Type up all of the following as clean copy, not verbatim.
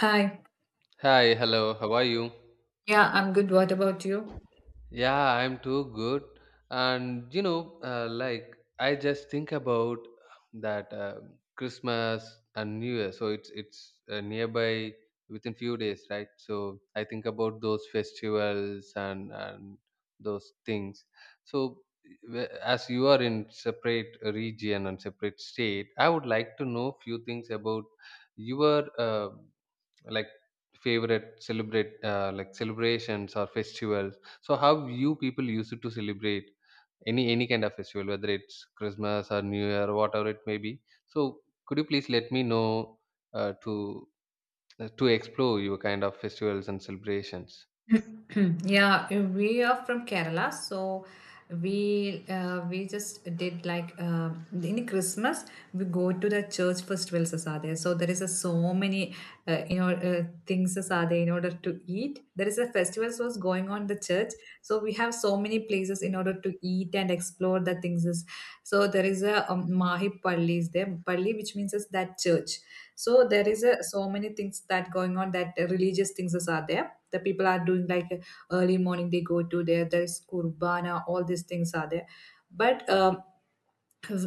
Hi. Hi, hello, how are you? Yeah, I'm good. What about you? Yeah, I'm too good. And you know, like I just think about that Christmas and New Year. So it's nearby within few days, right? So I think about those festivals and those things. So as you are in separate region and separate state, I would like to know few things about your like favorite celebrate like celebrations or festivals, so how you people used to celebrate any kind of festival, whether it's Christmas or New Year, whatever it may be. So could you please let me know uh, to to explore your kind of festivals and celebrations. Yeah, we are from Kerala, so we just did in Christmas we go to the church festivals as are there. So there is a so many things as are there in order to eat. There is a festivals was going on the church, so we have so many places in order to eat and explore the things. So there is a Mahi Palli is there, Palli which means is that church. So there is a so many things that going on that religious things is are there the people are doing like early morning they go to there there is kurbana all these things are there but um,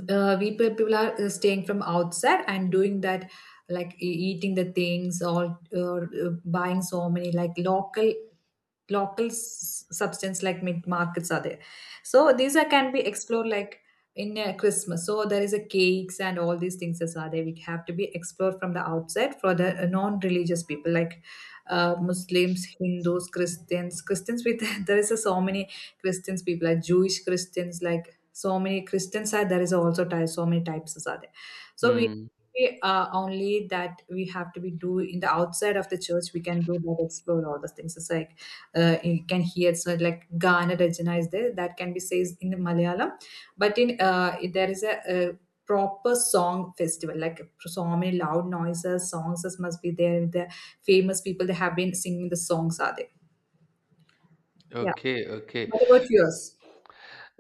uh, people are staying from outside and doing that like eating the things or buying so many like local substance like mid markets are there, so these are can be explored like in christmas. So there is a cakes and all these things as are there, we have to be explored from the outside for the non-religious people like muslims, hindus, christians, christians with there is a, so many christians people like jewish christians, like so many christians are there is also so many types as are there. So we Hmm. we, uh, only that we have to be do in the outside of the church we can do that explore all those things. It's like you can hear so like Gana Rajana is there that can be said in Malayalam, but in there is a proper song festival like so many loud noises songs must be there, the famous people they have been singing the songs are there. Yeah, Okay, okay. what about yours?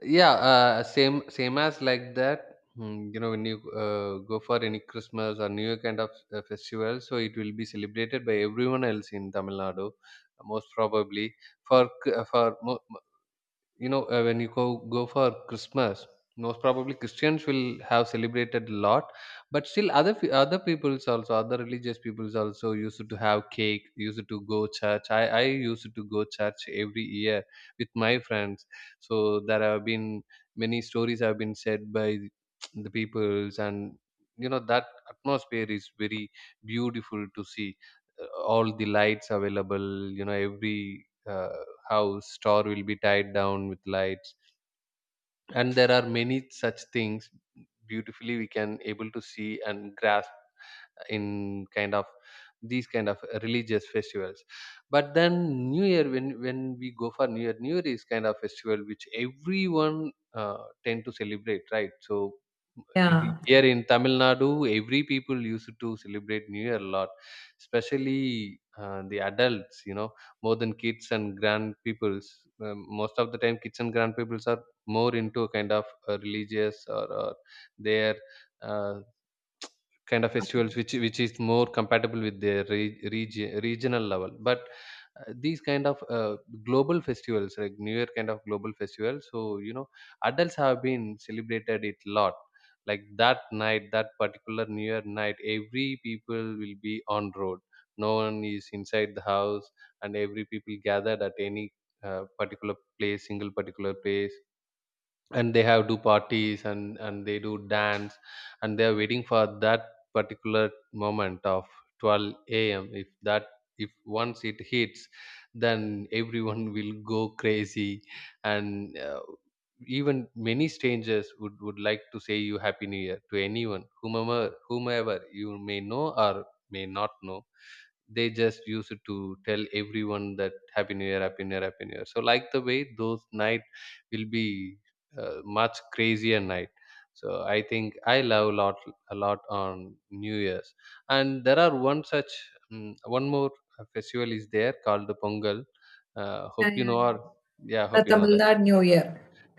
Yeah, same same as like that, mm, you know, when you go for any Christmas or New Year kind of festival, so it will be celebrated by everyone else in Tamil Nadu most probably. For c- for mo- You know, when you go for Christmas, most probably Christians will have celebrated a lot, but still other other peoples, also other religious peoples also used to have cake, used to go church. I used to go church every year with my friends. So there have been many stories have been said by the peoples, and you know that atmosphere is very beautiful to see. Uh, all the lights available, you know, every uh, house star will be tied down with lights, and there are many such things beautifully we can able to see and grasp in kind of these kind of religious festivals. But then New Year, when we go for New Year, New Year is kind of festival which everyone tend to celebrate, right? So in, Yeah, here in Tamil Nadu, every people used to celebrate New Year a lot, especially the adults, you know, more than kids and grand peoples. Most of the time, kids and grand peoples are more into a kind of religious or their uh, kind of festivals which is more compatible with their regional level, but these kind of global festivals, like New Year kind of global festival, so you know, adults have been celebrated it lot. Like that night, that particular New Year night, every people will be on road, no one is inside the house, and every people gathered at any particular place, single particular place, and they have do parties and they do dance, and they are waiting for that particular moment of 12 a.m. If that, if once it hits, then everyone will go crazy, and even many strangers would like to say you happy New Year to anyone, whomever, whomever you may know or may not know. They just use it to tell everyone that happy New Year, happy New Year, happy New Year. So like the way those night will be much crazier night, so I think I love a lot, a lot on New Year's. And there are one such, one more festival is there called the Pongal, yeah, hope you yeah, know, yeah. or yeah, The hope you know Tamil that. Nadu New Year.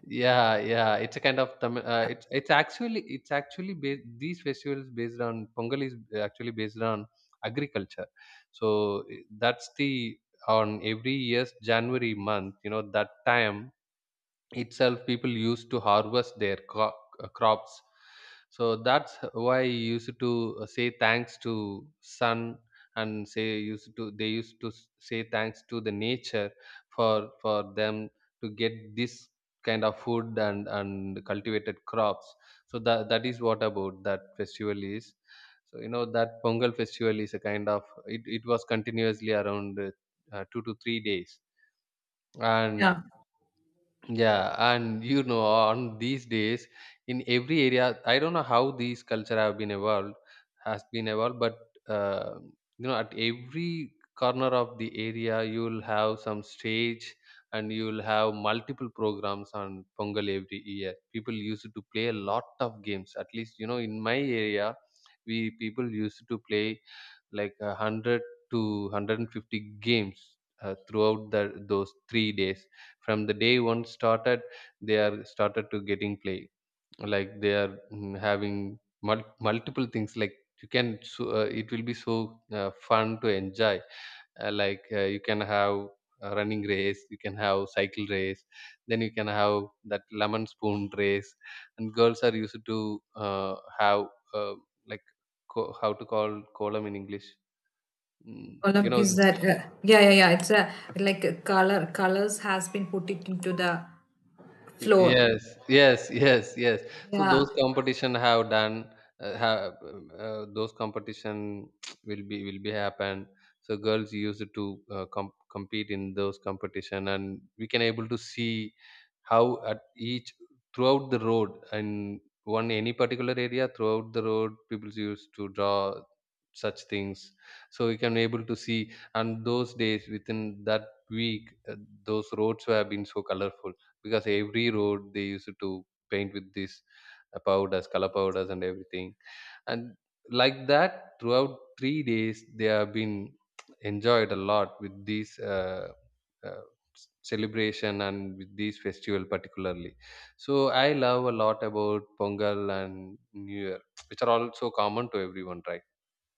Yeah, yeah, it's a kind of Tamil. Yeah, it's actually, it's actually based, these festivals based on Pongal is actually based on agriculture. So that's the, on every year's January month. You know, that time itself people used to harvest their crops. So that's why you used to say thanks to sun, and say used to, they used to say thanks to the nature for them to get this kind of food and cultivated crops. So that is what about that festival is. So you know that Pongal festival is a kind of, it was continuously around 2 to 3 days. And yeah. yeah, and you know, on these days, in every area, I don't know how these culture have been evolved, has been evolved, but uh, you know, at every corner of the area, you'll have some stage, and you'll have multiple programs on Pongal every year. People used to play a lot of games. At least, you know, in my area, we people used to play like a 100 to 150 games throughout the, those 3 days. From the day one started, they are started to getting play, like they are, mm, having multiple things, like you can so, it will be so fun to enjoy. Like, you can have a running race, you can have cycle race, then you can have that lemon spoon race, and girls are used to have, uh, like, how to call, kolam in English. Mm, you Column know, is that yeah, yeah, yeah, it's a like a color colors has been put it into the floor. yes, yes yes. So Yeah, those competition have done, have, those competition will be happen. So girls used to compete in those competition, and we can able to see how, at each, throughout the road and one any particular area throughout the road, people used to draw such things, so we can able to see. And those days within that week, those roads have been so colorful, because every road they used to paint with this powders color powders and everything. And like that, throughout 3 days, they have been enjoyed a lot with this uh, celebration and with this festival particularly. So I love a lot about Pongal and New Year, which are also common to everyone, right?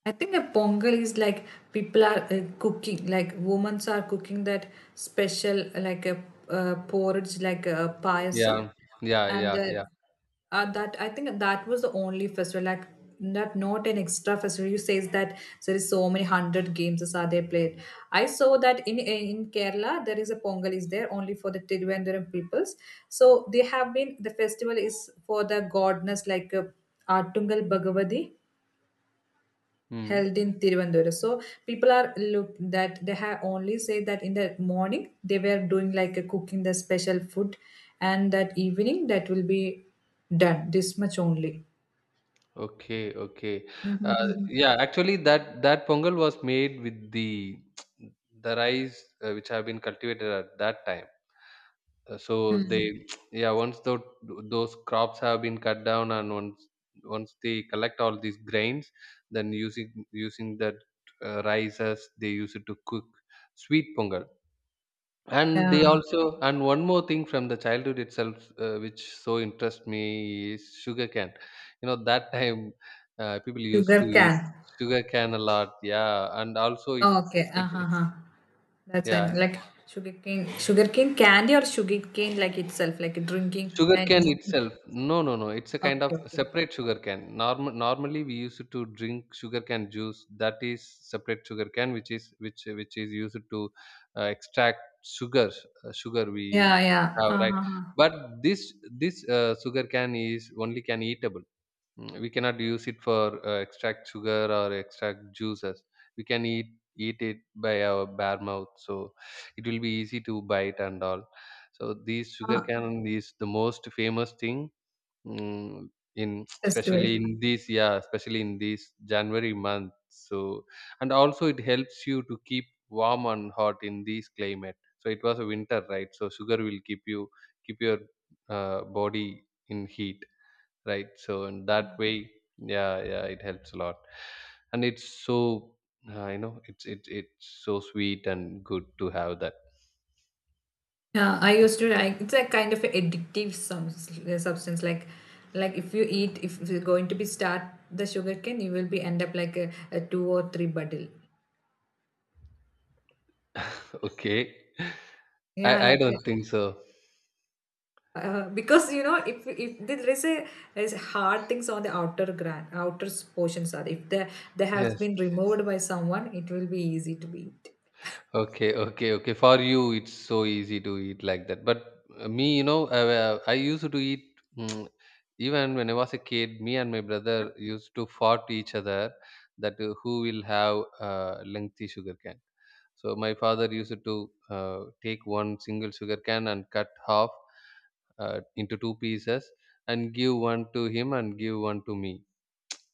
I think a pongal is like people are cooking, like women are cooking that special, like a porridge, like a payasam. Yeah, yeah, And yeah, yeah, that I think that was the only festival, like not an extra festival. You says that there is so many hundred games as are they played. I saw that in Kerala there is a pongal is there only for the Tiruvananthapuram peoples. So they have been the festival is for the godness like Artungal Bhagavati yeah. Mm. held in Tiruvandura. So people are look that they have only say that in the morning they were doing like a cooking the special food, and that evening that will be done this much only. Okay, okay. Uh, Mhm. yeah, actually, that Pongal was made with the the rice which have been cultivated at that time. So Mm. they, yeah, once those crops have been cut down and once they collect all these grains, then using that rice as they use it to cook sweet pongal. And they Yeah, also, and one more thing from the childhood itself, which so interests me is sugar cane. You know, that time people used to sugar eat can. sugar cane a lot. Yeah, and also it, Okay, uh it huh, huh. That's I know. yeah. Like sugar cane candy or sugar cane like itself, like drinking Sugar then cane eating. itself. No, no, no. It's a Okay, kind of okay, okay. separate sugar cane. Normal, normally we used to drink sugar cane juice. That is separate sugar cane, which is, which is used to extract sugar. Sugar we Yeah, yeah. have, Uh right, huh. but this sugar cane is only can eatable. Mm, we cannot use it for extract sugar or extract juices. We can eat, eat it by our bare mouth, so it will be easy to bite and all. So these sugar Uh, cane is the most famous thing, mm, in especially festival. in this, yeah, especially in this January month. So, and also it helps you to keep warm and hot in this climate, so it was a winter, right? So sugar will keep you, keep your body in heat, right? So in that way, yeah, yeah, it helps a lot. And it's so, you know, it's, it's so sweet and good to have that. Yeah, I used to like it's a kind of addictive some substance. Like if you eat, if you're going to be start the sugarcane, you will be end up like a two or three bottle. Okay. i Yeah, i like don't think so. Because you know if there is a there's hard things on the outer gran outer portions are, if the they have Yes. been removed by someone, it will be easy to eat. Okay, okay, okay, for you it's so easy to eat like that, but me, you know, I used to eat, mm, even when I was a kid, me and my brother used to fight each other that who will have lengthy sugarcane. So my father used to take one single sugar cane and cut half into two pieces and give one to him and give one to me.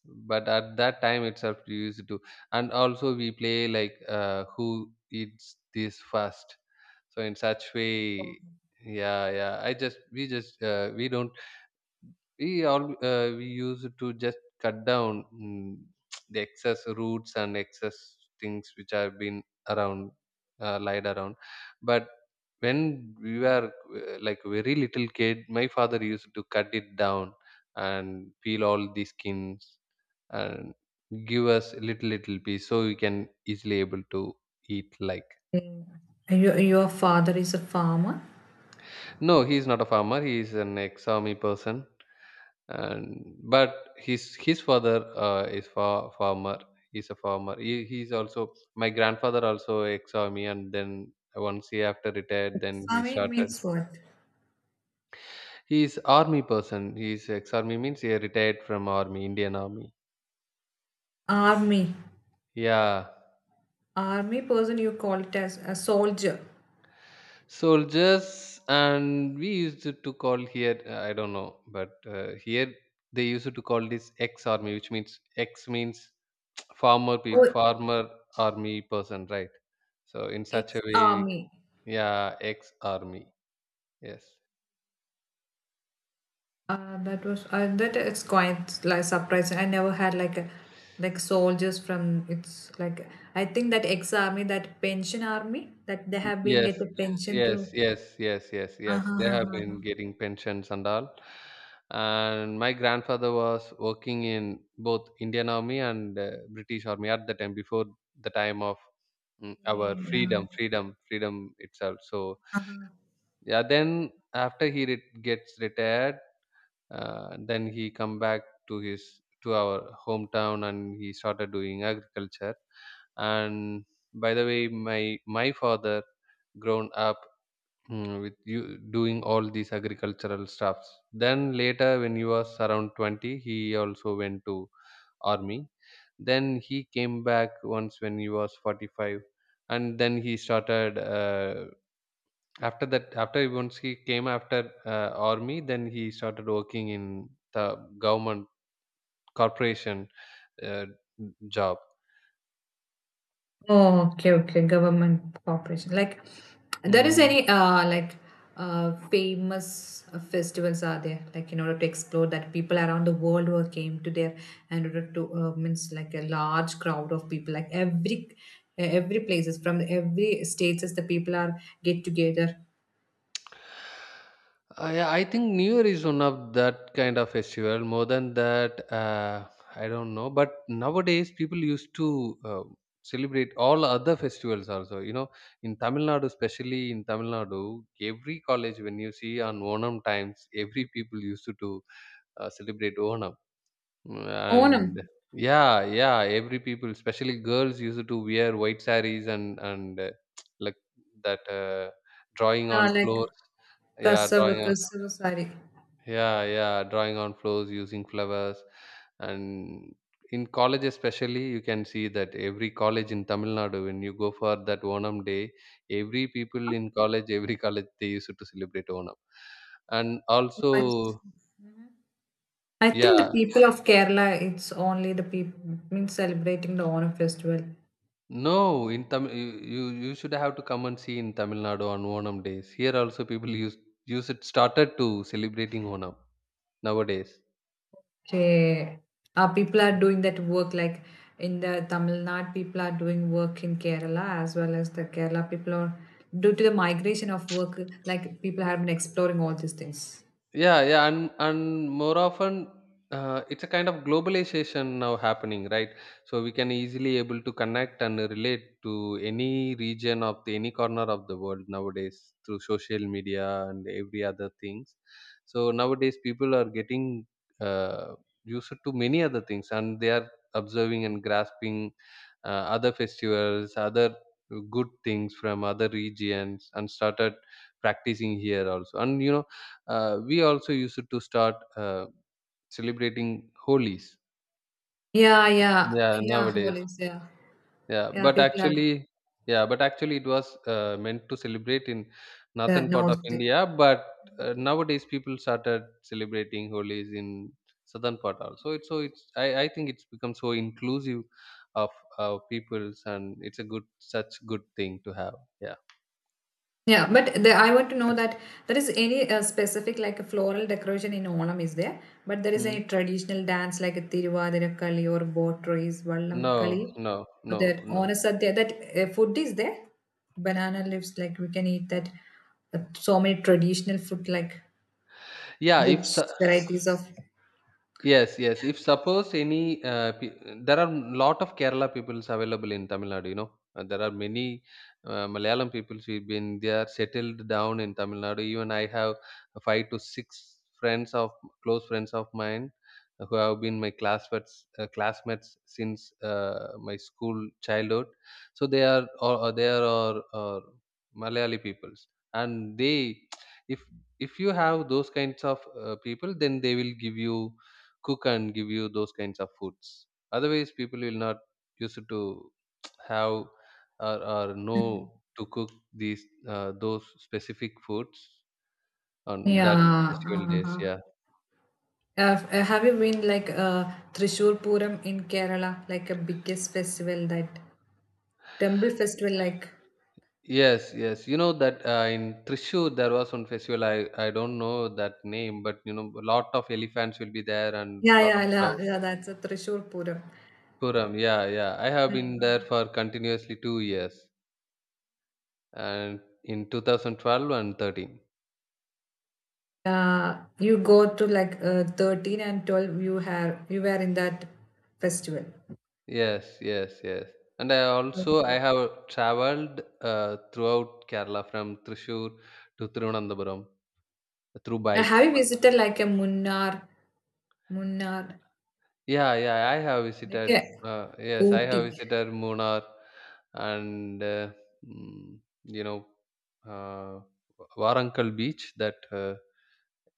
But at that time itself, we used to, and also we play like who eats this first. So in such way, yeah, yeah. I just, we just, we don't, we all, we used to just cut down, mm, the excess roots and excess things which have been around, lied around. But when we were like very little kid, my father used to cut it down and peel all the skins and give us little little piece, so we can easily able to eat like. Mm. Your father is a farmer. No, he is not a farmer, he is an ex army person. And but his father uh, is farmer, he's a farmer. He, he's also, my grandfather also ex army, and then once he after retired, then he Army started. means what? He's army person, he's ex army means he retired from army, Indian Army. Army. Yeah, Army person you call it as a soldier. soldiers, and we used to call here, I don't know, but here they used to call this ex army, which means ex means farmer peop Oh, farmer army person, right? So in ex such a way, we, army. yeah, ex-army. Yes, That was that it's quite like surprising. I never had like a like soldiers from it's like I think that ex army that pension army that they have been yes, get the Yeah. pension through. Yes. Uh-huh, They uh-huh, have been uh-huh. getting pensions and all. And my grandfather was working in both Indian Army and British Army at the time before the time of, mm, our Yeah. freedom, freedom itself. So Uh-huh. yeah, then after he gets retired, and then he come back to our hometown, and he started doing agriculture. And by the way, my father grown up, with you doing all these agricultural stuffs. Then later, when he was around 20, he also went to army. Then he came back once when he was 45, and then he started, after that, after once he came after, army, then he started working in the government corporation, uh, job. Oh, okay, okay. Government corporation. Like, there is Mm. any like famous festivals are there like in order to explore that people around the world who came to there and order to means like a large crowd of people like every places from every states as the people are get together. I think New Year is one of that kind of festival. More than that, I don't know. But nowadays, people used to, celebrate all other festivals also. You know, in Tamil Nadu, especially in Tamil Nadu, every college when you see on Onam times, every people used to celebrate Onam. Onam, And yeah, yeah, every people, especially girls, used to wear white sarees, and like that, drawing on like floors. Yeah, Kasava, drawing on, Kasava, sorry. yeah, yeah, drawing on floors using flowers. And in college especially, you can see that every college in Tamil Nadu, when you go for that Onam day, every people in college, every college, they used to celebrate Onam, and also, I think the yeah. people of Kerala, it's only the people means celebrating the Onam festival. No, in Tamil, you should have to come and see in Tamil Nadu on Onam days. Here also people use it, started to celebrating Onam nowadays. Okay. People are doing that work like in the Tamil Nadu, people are doing work in Kerala as well as the Kerala people are due to the migration of work, like people have been exploring all these things. Yeah, yeah, and more often, it's a kind of globalization now happening, right? So we can easily able to connect and relate to any region of any corner of the world nowadays through social media and every other things. So nowadays, people are getting, uh, used to many other things, and they are observing and grasping, other festivals, other good things from other regions, and started practicing here also. And we also used to start, celebrating holies. Yeah, yeah, Yeah, yeah, nowadays. holidays, yeah. Yeah, Yeah, but people are actually, yeah, but actually it was, meant to celebrate in the northern part of north. India. But nowadays people started celebrating holies in southern part also. It's so it's I think it's become so inclusive of our peoples, and it's a good such good thing to have. Yeah. Yeah, but the, I want to know that there is any specific like a floral decoration in Olam is there, but there is Hmm. any traditional dance like a Tiruvadirukali or boat race, No, Vallam Kali, no, or no, that no. Onasadya, that food is there, banana leaves like we can eat that, so many traditional food like Yeah. if which so- varieties of Yes, yes. If suppose any, there are lot of Kerala peoples available in Tamil Nadu. You know, there are many, Malayalam peoples who've been there settled down in Tamil Nadu. Even I have five to six friends of close friends of mine, who have been my classmates, uh, classmates since, my school childhood. So they are or they are or Malayali peoples, and they, if if you have those kinds of, people, then they will give you, cook and give you those kinds of foods. Otherwise people will not used to have, or Mm. know to cook these, those specific foods on that yeah. festival days. Uh-huh. Yeah. Have you been like Thrissur Puram in Kerala, like a biggest festival, that temple festival like? Yes, yes, you know that, in Trishur there was one festival. I don't know that name, but you know, a lot of elephants will be there, and Yeah, lot of yeah, yeah, crowd. yeah. That's a Trishul Puram. Puram, yeah, yeah, I have Yeah, been there uh-huh. for continuously 2 years, and in 2012 and 13. You go to like 13 and 12. You have you were in that festival. Yes, yes, yes. And I also, I Okay. have traveled, throughout Kerala from Thrissur to Thiruvananthapuram through Now, bike. have you visited like a Munnar, Munnar, Yeah, yeah, I have like visited. a Yes, I have Ooty? visited Munnar and, mm, you know, uh, Warangal beach. That,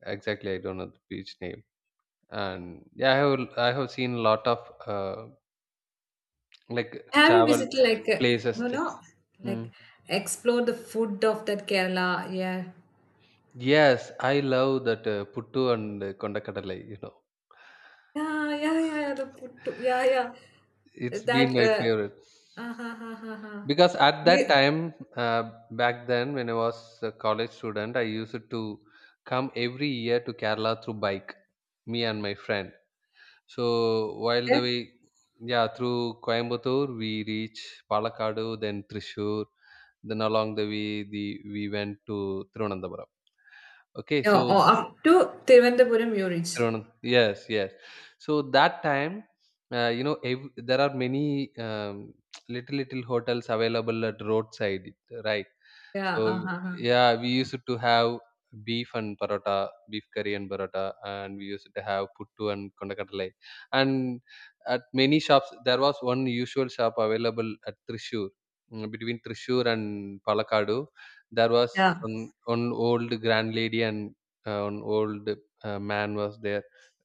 exactly I don't know the beach name. And yeah, I have seen a lot of, uh, like Have you travel visited like a, places no, there. no, Hmm. like explore the food of that Kerala? Yeah, Yes, I love that, puttu and, kondakadalai. You know, yeah, yeah, yeah, yeah, the food, too, yeah, yeah. it's That been my favorite, uh, ha, uh, because at that You. time, back then when I was a college student, I used to come every year to Kerala through bike, me and my friend. So while Eh? the way, yeah, through Coimbatore we reach Palakkadu, then Trishur, then along the way the we went to Thiruvananthapuram. Okay, Yeah, so or up to Thiruvananthapuram you reach. Thiruvanantha, yes, yes. So that time, you know, there are many, little little hotels available at roadside, right? Yeah, So uh-huh, uh-huh. yeah, we used to have beef and paratha, beef curry and paratha, and we used to have puttu and kondakadalai. And at many shops, there was one usual shop available at Trishur. Between Trishur and Palakkadu, there was Yeah. one old grand lady, and, an old man was there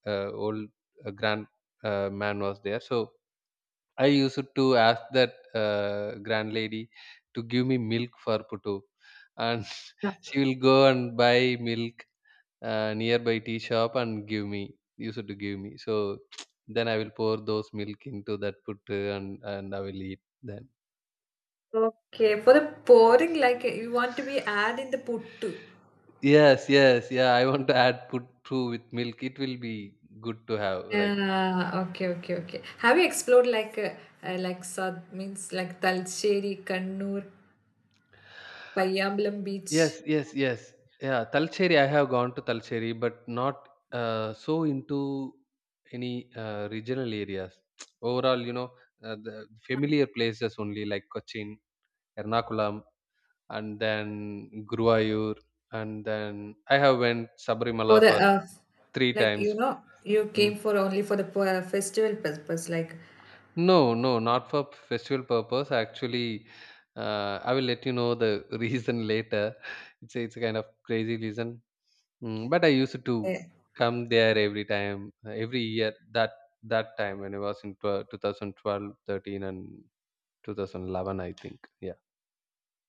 old grand man was there. So I used to ask that, grand lady to give me milk for putu, and Yeah. she will go and buy milk, nearby tea shop, and give me used to give me. So then I will pour those milk into that putu, and I will eat, then Okay. For the pouring, like you want to be add in the puttu. yes, yes. Yeah, I want to add put through with milk. It will be good to have, right? Yeah, okay, okay, okay. Have you explored like Sad means like Talcheri, Kannur, Payyambalam beach Yes, yes, yes. Yeah, Talcherry. I have gone to Talcherry, but not, so into any, regional areas. Overall, you know, the familiar places only, like Cochin, Ernakulam, and then Guruvayur, and then I have went for Sabrimala the for three like you times. know you came Mm. for only for the festival purpose like No, no, not for festival purpose. Actually, I will let you know the reason later. It's a kind of crazy reason. Mm, but I used to uh, come there every time, every year. That time when I was in thousand twelve, thirteen, and 2011, I think. Yeah.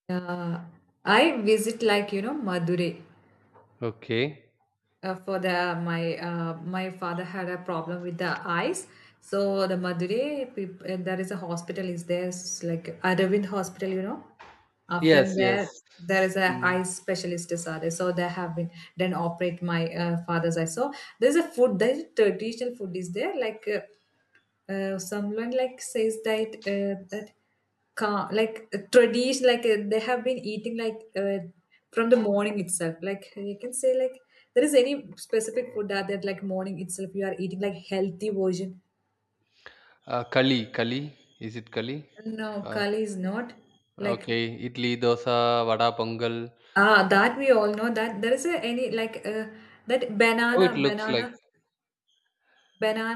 uh, I visit like you know Madurai. Okay. Uh, for the my my father had a problem with the eyes, so the madurai there is a hospital is there like aravind hospital, you know, from Yes. there Yes. there is a Mm. eye specialist disorder so they have been done operate my father's eye. So there's a food, there's a traditional food is there like someone like says that that like tradition like they have been eating like from the morning itself, like you can say like there is any specific food that like morning itself you are eating like healthy version. Kali. Kali. Is it Kali? No, Uh, Kali is not like okay. Idli, dosa, vada, pongal. ah that we all know that there is a, any like that Oh, banana it looks like, banana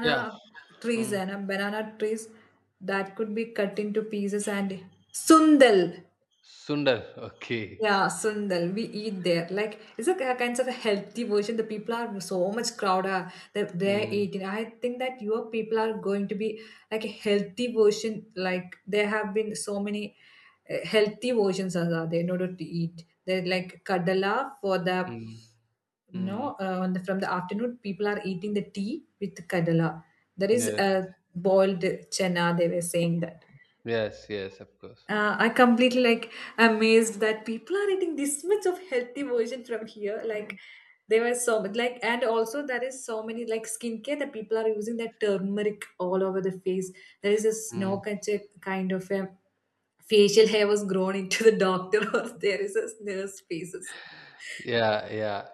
yeah. trees Mm. and banana trees that could be cut into pieces and sundal. Sundar. Okay. Yeah, Sundal, we eat there. Like, it's a kind of a healthy version. The people are so much crowded that they're Mm. eating. I think that your people are going to be like a healthy version. Like, there have been so many healthy versions as are there in order to eat. They're like kadala for the Mm. Mm. no, on the, from the afternoon, people are eating the tea with kadala. There is Yes. a boiled chana, they were saying that. Yes. Yes. Of course. I completely like amazed that people are eating this much of healthy version from here. Like there were so much like and also there is so many like skincare that people are using that turmeric all over the face. There is this Mm. no kind of a facial hair was grown into the doctor or there is a nurse faces. Yeah, yeah.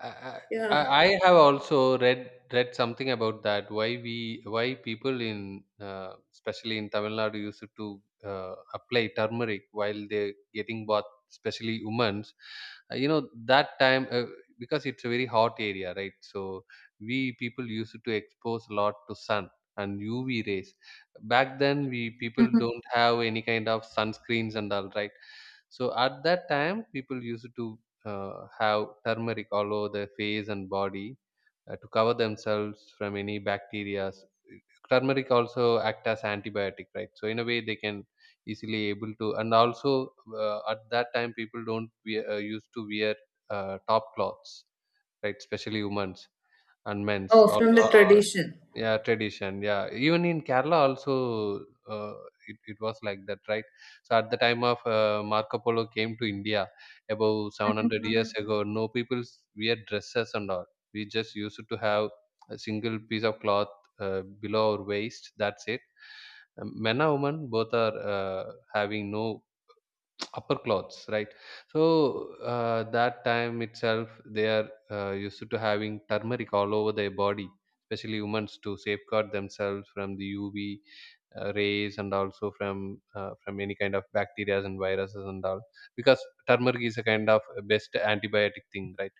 I, Yeah. I I have also read something about that. Why people in, especially in Tamil Nadu, used to, apply turmeric while they're getting bath, especially women's. You know that time, because it's a very hot area, right? So we people used to expose a lot to sun and UV rays. Back then, we people don't have any kind of sunscreens and all, right? So at that time, people used to, have turmeric all over their face and body, to cover themselves from any bacteria. Turmeric also act as antibiotic, right? So in a way, they can easily able to. And also, at that time, people don't we used to wear, top cloths, right? Especially women's and men's. Oh, from the tradition. Yeah, tradition. Yeah, even in Kerala also, it was like that, right? So at the time of, Marco Polo came to India about 700 years ago. No people wear dresses and all. We just used to have a single piece of cloth, below our waist. That's it. Men and women both are, having no upper clothes, right? So, that time itself they are, used to having turmeric all over their body, especially women's, to safeguard themselves from the UV, rays, and also from any kind of bacteria and viruses and all, because turmeric is a kind of best antibiotic thing, right?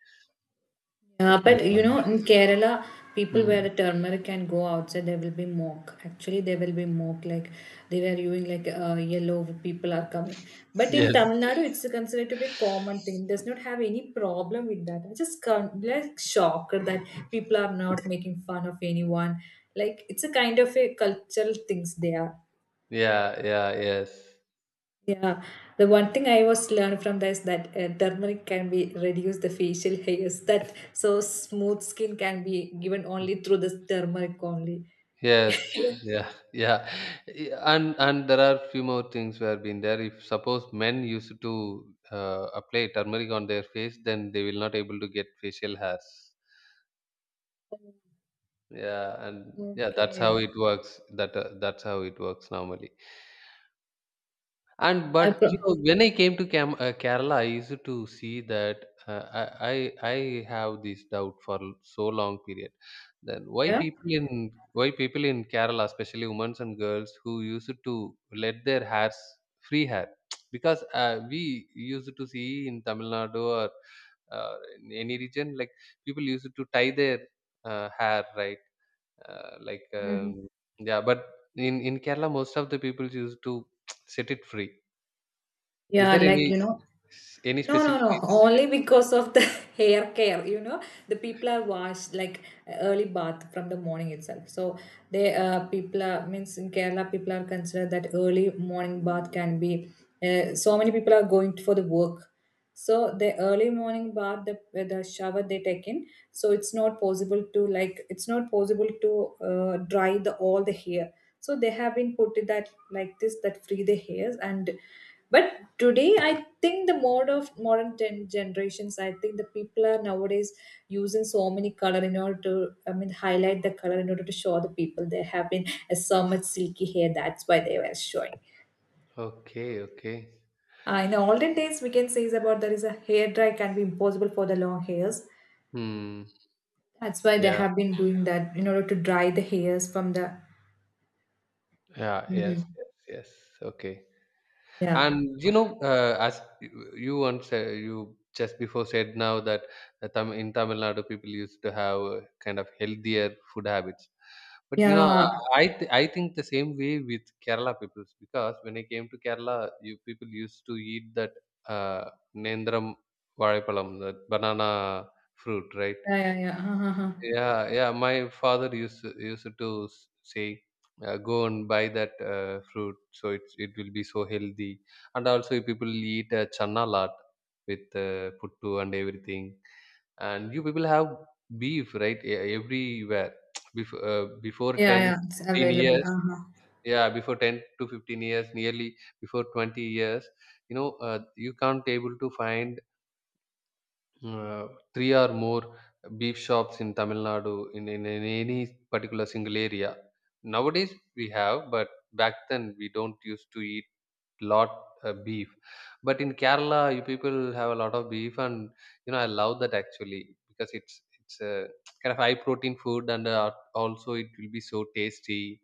Yeah, but you Yeah. know, in Kerala, people wear Hmm. the turmeric and go outside, there will be mock. Actually, there will be mock, like they were doing like yellow, people are coming. But in Yes, Tamil Nadu, it's considered to be a common thing. Does not have any problem with that. I just can't, like shocked that people are not making fun of anyone. Like it's a kind of a cultural things there. yeah, yeah, yes. Yeah, the one thing I was learned from this that turmeric can be reduce the facial hairs. That so smooth skin can be given only through this turmeric only. Yes, yeah, yeah, and there are few more things where been there. If suppose men used to, apply turmeric on their face, then they will not able to get facial hairs. Yeah, and yeah, that's Okay. how it works. That, that's how it works normally. And I but you pro- know, when I came to Kerala, I used to see that, uh, I, I have this doubt for, so long period. Then yeah. Why people in Kerala, especially women and girls, who used to let their hairs free hair, because, we used to see in Tamil Nadu or, uh, in any region, like people used to tie their, hair, right? Like, Mhm. Yeah, but in Kerala, most of the people used to set it free. Is Yeah, there like any you know. No, no, specific no. reason behind? Only because of the hair care. You know, the people are washed like early bath from the morning itself. So they people are means in Kerala people are considered that early morning bath can be. So many people are going for the work. So the early morning bath, the shower they take in. So it's not possible to like it's not possible to dry the all the hair. So they have been put it that like this that free the hairs and but today I think the mode of modern ten generations I think the people are nowadays using so many color in order to I mean highlight the color in order to show the people they have been so much silky hair that's why they were showing Okay, okay. In the olden days we can say is about there is a hair dry can be impossible for the long hairs, Hmm. that's why they Yeah, have been doing that in order to dry the hairs from the yeah, yes, Mhm. yes, yes. Okay. Yeah, And you know, as you once, you just before said now that, Tamil Nadu people used to have, kind of healthier food habits. But you know, yeah, I think the same way with Kerala people, because when I came to Kerala, you people used to eat that, uh, Nendram vazhaipalam, that banana fruit, right? yeah, yeah, yeah, uh-huh, uh-huh. Yeah, yeah. My father used to, say, "Go and buy that, fruit, so it will be so healthy." And also, you people eat, chana lot with, puttu and everything. And you people have beef, right? Everywhere. Before, before Yeah, ten yeah, to it's fifteen available, years, uh-huh. yeah, before 10 to 15 years, nearly before 20 years, you know, you can't able to find, uh, 3 or more beef shops in Tamil Nadu in any particular single area. Nowadays we have, but back then we don't used to eat lot, beef. But in Kerala, you people have a lot of beef, and you know I love that actually, because it's a kind of high protein food, and, also it will be so tasty.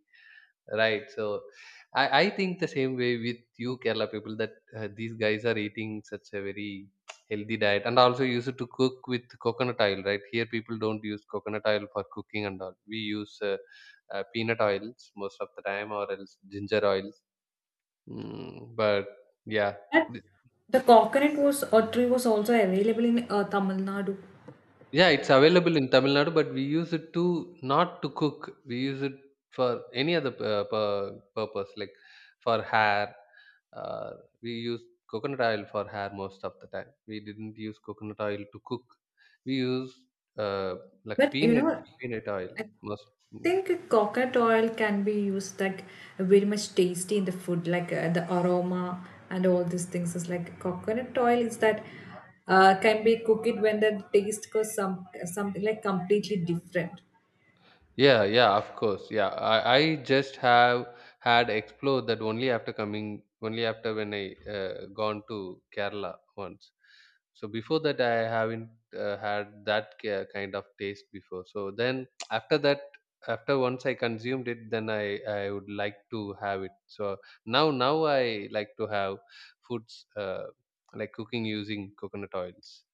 Right. So, I think the same way with you Kerala people, that, these guys are eating such a very healthy diet, and also used to cook with coconut oil, right? Here people don't use coconut oil for cooking and all. We use, peanut oils most of the time, or else ginger oils. Mm, but yeah. But the coconut was or tree was also available in Tamil Nadu. Yeah, it's available in Tamil Nadu, but we use it to not to cook. We use it for any other, purpose, like for hair. Uh, we use coconut oil for hair most of the time. We didn't use coconut oil to cook. We use, uh, like But you know, peanut oil I most. think coconut oil can be used like very much tasty in the food, like the aroma and all these things is like coconut oil is that can be cooked when the taste goes some something like completely different. Yeah, yeah, of course. Yeah, I just have had explored that only after coming, only after when I, gone to Kerala once. So before that, I haven't, had that kind of taste before. So then after that, after once I consumed it, then I would like to have it. So now I like to have foods, like cooking using coconut oils.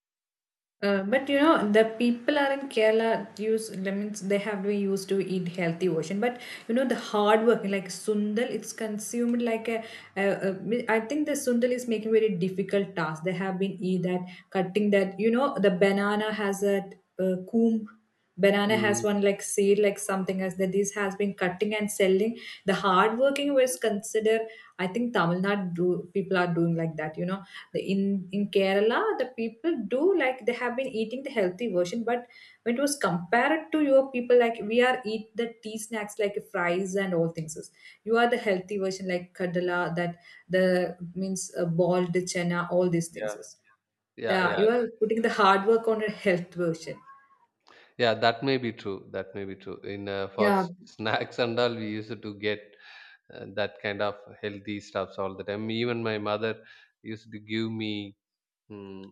But you know the people are in Kerala use lemons they have been used to eat healthy version, but you know the hard work like sundal it's consumed like a I think the sundal is making very difficult task they have been eat that cutting that you know the banana has a coomb, banana has Mm. one like seed like something as that this has been cutting and selling the hard working was considered. I think Tamil Nadu do, people are doing like that. You know in kerala the people do like they have been eating the healthy version but when it was compared to your people, like we are eat the tea snacks like fries and all things else. You are the healthy version like kadala that the means boiled chana, all these Yeah, things is the yeah, yeah. you are putting the hard work on a health version. Yeah, that may be true. That may be true. In, for Yeah. Snacks and all, we used to get, that kind of healthy stuffs all the time. Even my mother used to give me, mm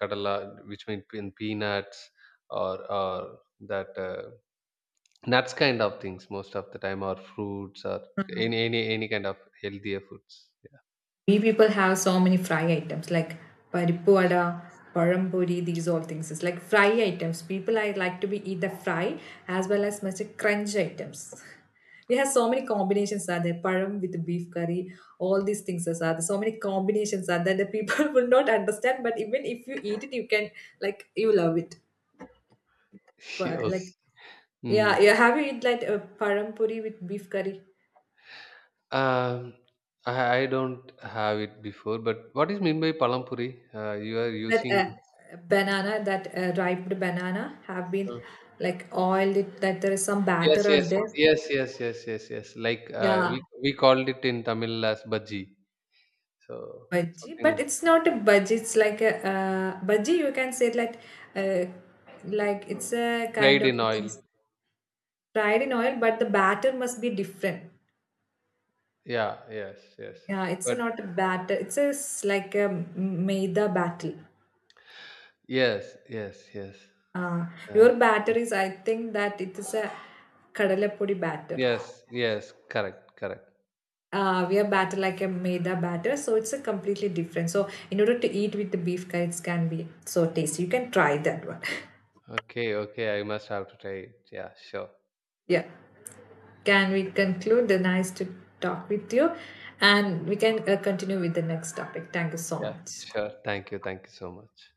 kadala, which means in peanuts, or that, nuts kind of things most of the time, or fruits, or any kind of healthier foods. Yeah. We people have so many fry items like പരിപ്പ് വട, പഴം, these all things. It's like fry items. People I like to be eat the fry as well as much crunch items. We have so many combinations are there. Param with beef curry, all these things are there. So many combinations are there that the people will not understand. But even if you eat it, you can like you love it. But Okay. like Mm. yeah, yeah. Have you eat like a param with beef curry? Um, I don't have it before, but what is mean by palampuri? You are That using. Banana that ripened banana have been Uh, like oiled it, that there is some yes, batter as yes, there. yes, yes, yes, yes, yes. Like, Yeah, we called it in Tamil as bhaji. So bhaji, something but like it's not a bhaji, it's like a bhaji you can say uh, like it's a kind fried of in oil. things fried in oil but the batter must be different. Yeah, yes, yes. Yeah, it's But not a batter, it's a like a maida batter. yes, yes, yes. Uh, Yeah. your batter is I think that it is a kadalapodi batter. Yes, yes, correct, correct. We have batter like a maida batter, so it's a completely different. So in order to eat with the beef curry, it can be so tasty. You can try that one. Okay, okay. I must have to try it. Yeah, sure. Yeah. Can we conclude? The nice to talk with you, and we can continue with the next topic. Thank you so Yeah, much. sure. Thank you. Thank you so much.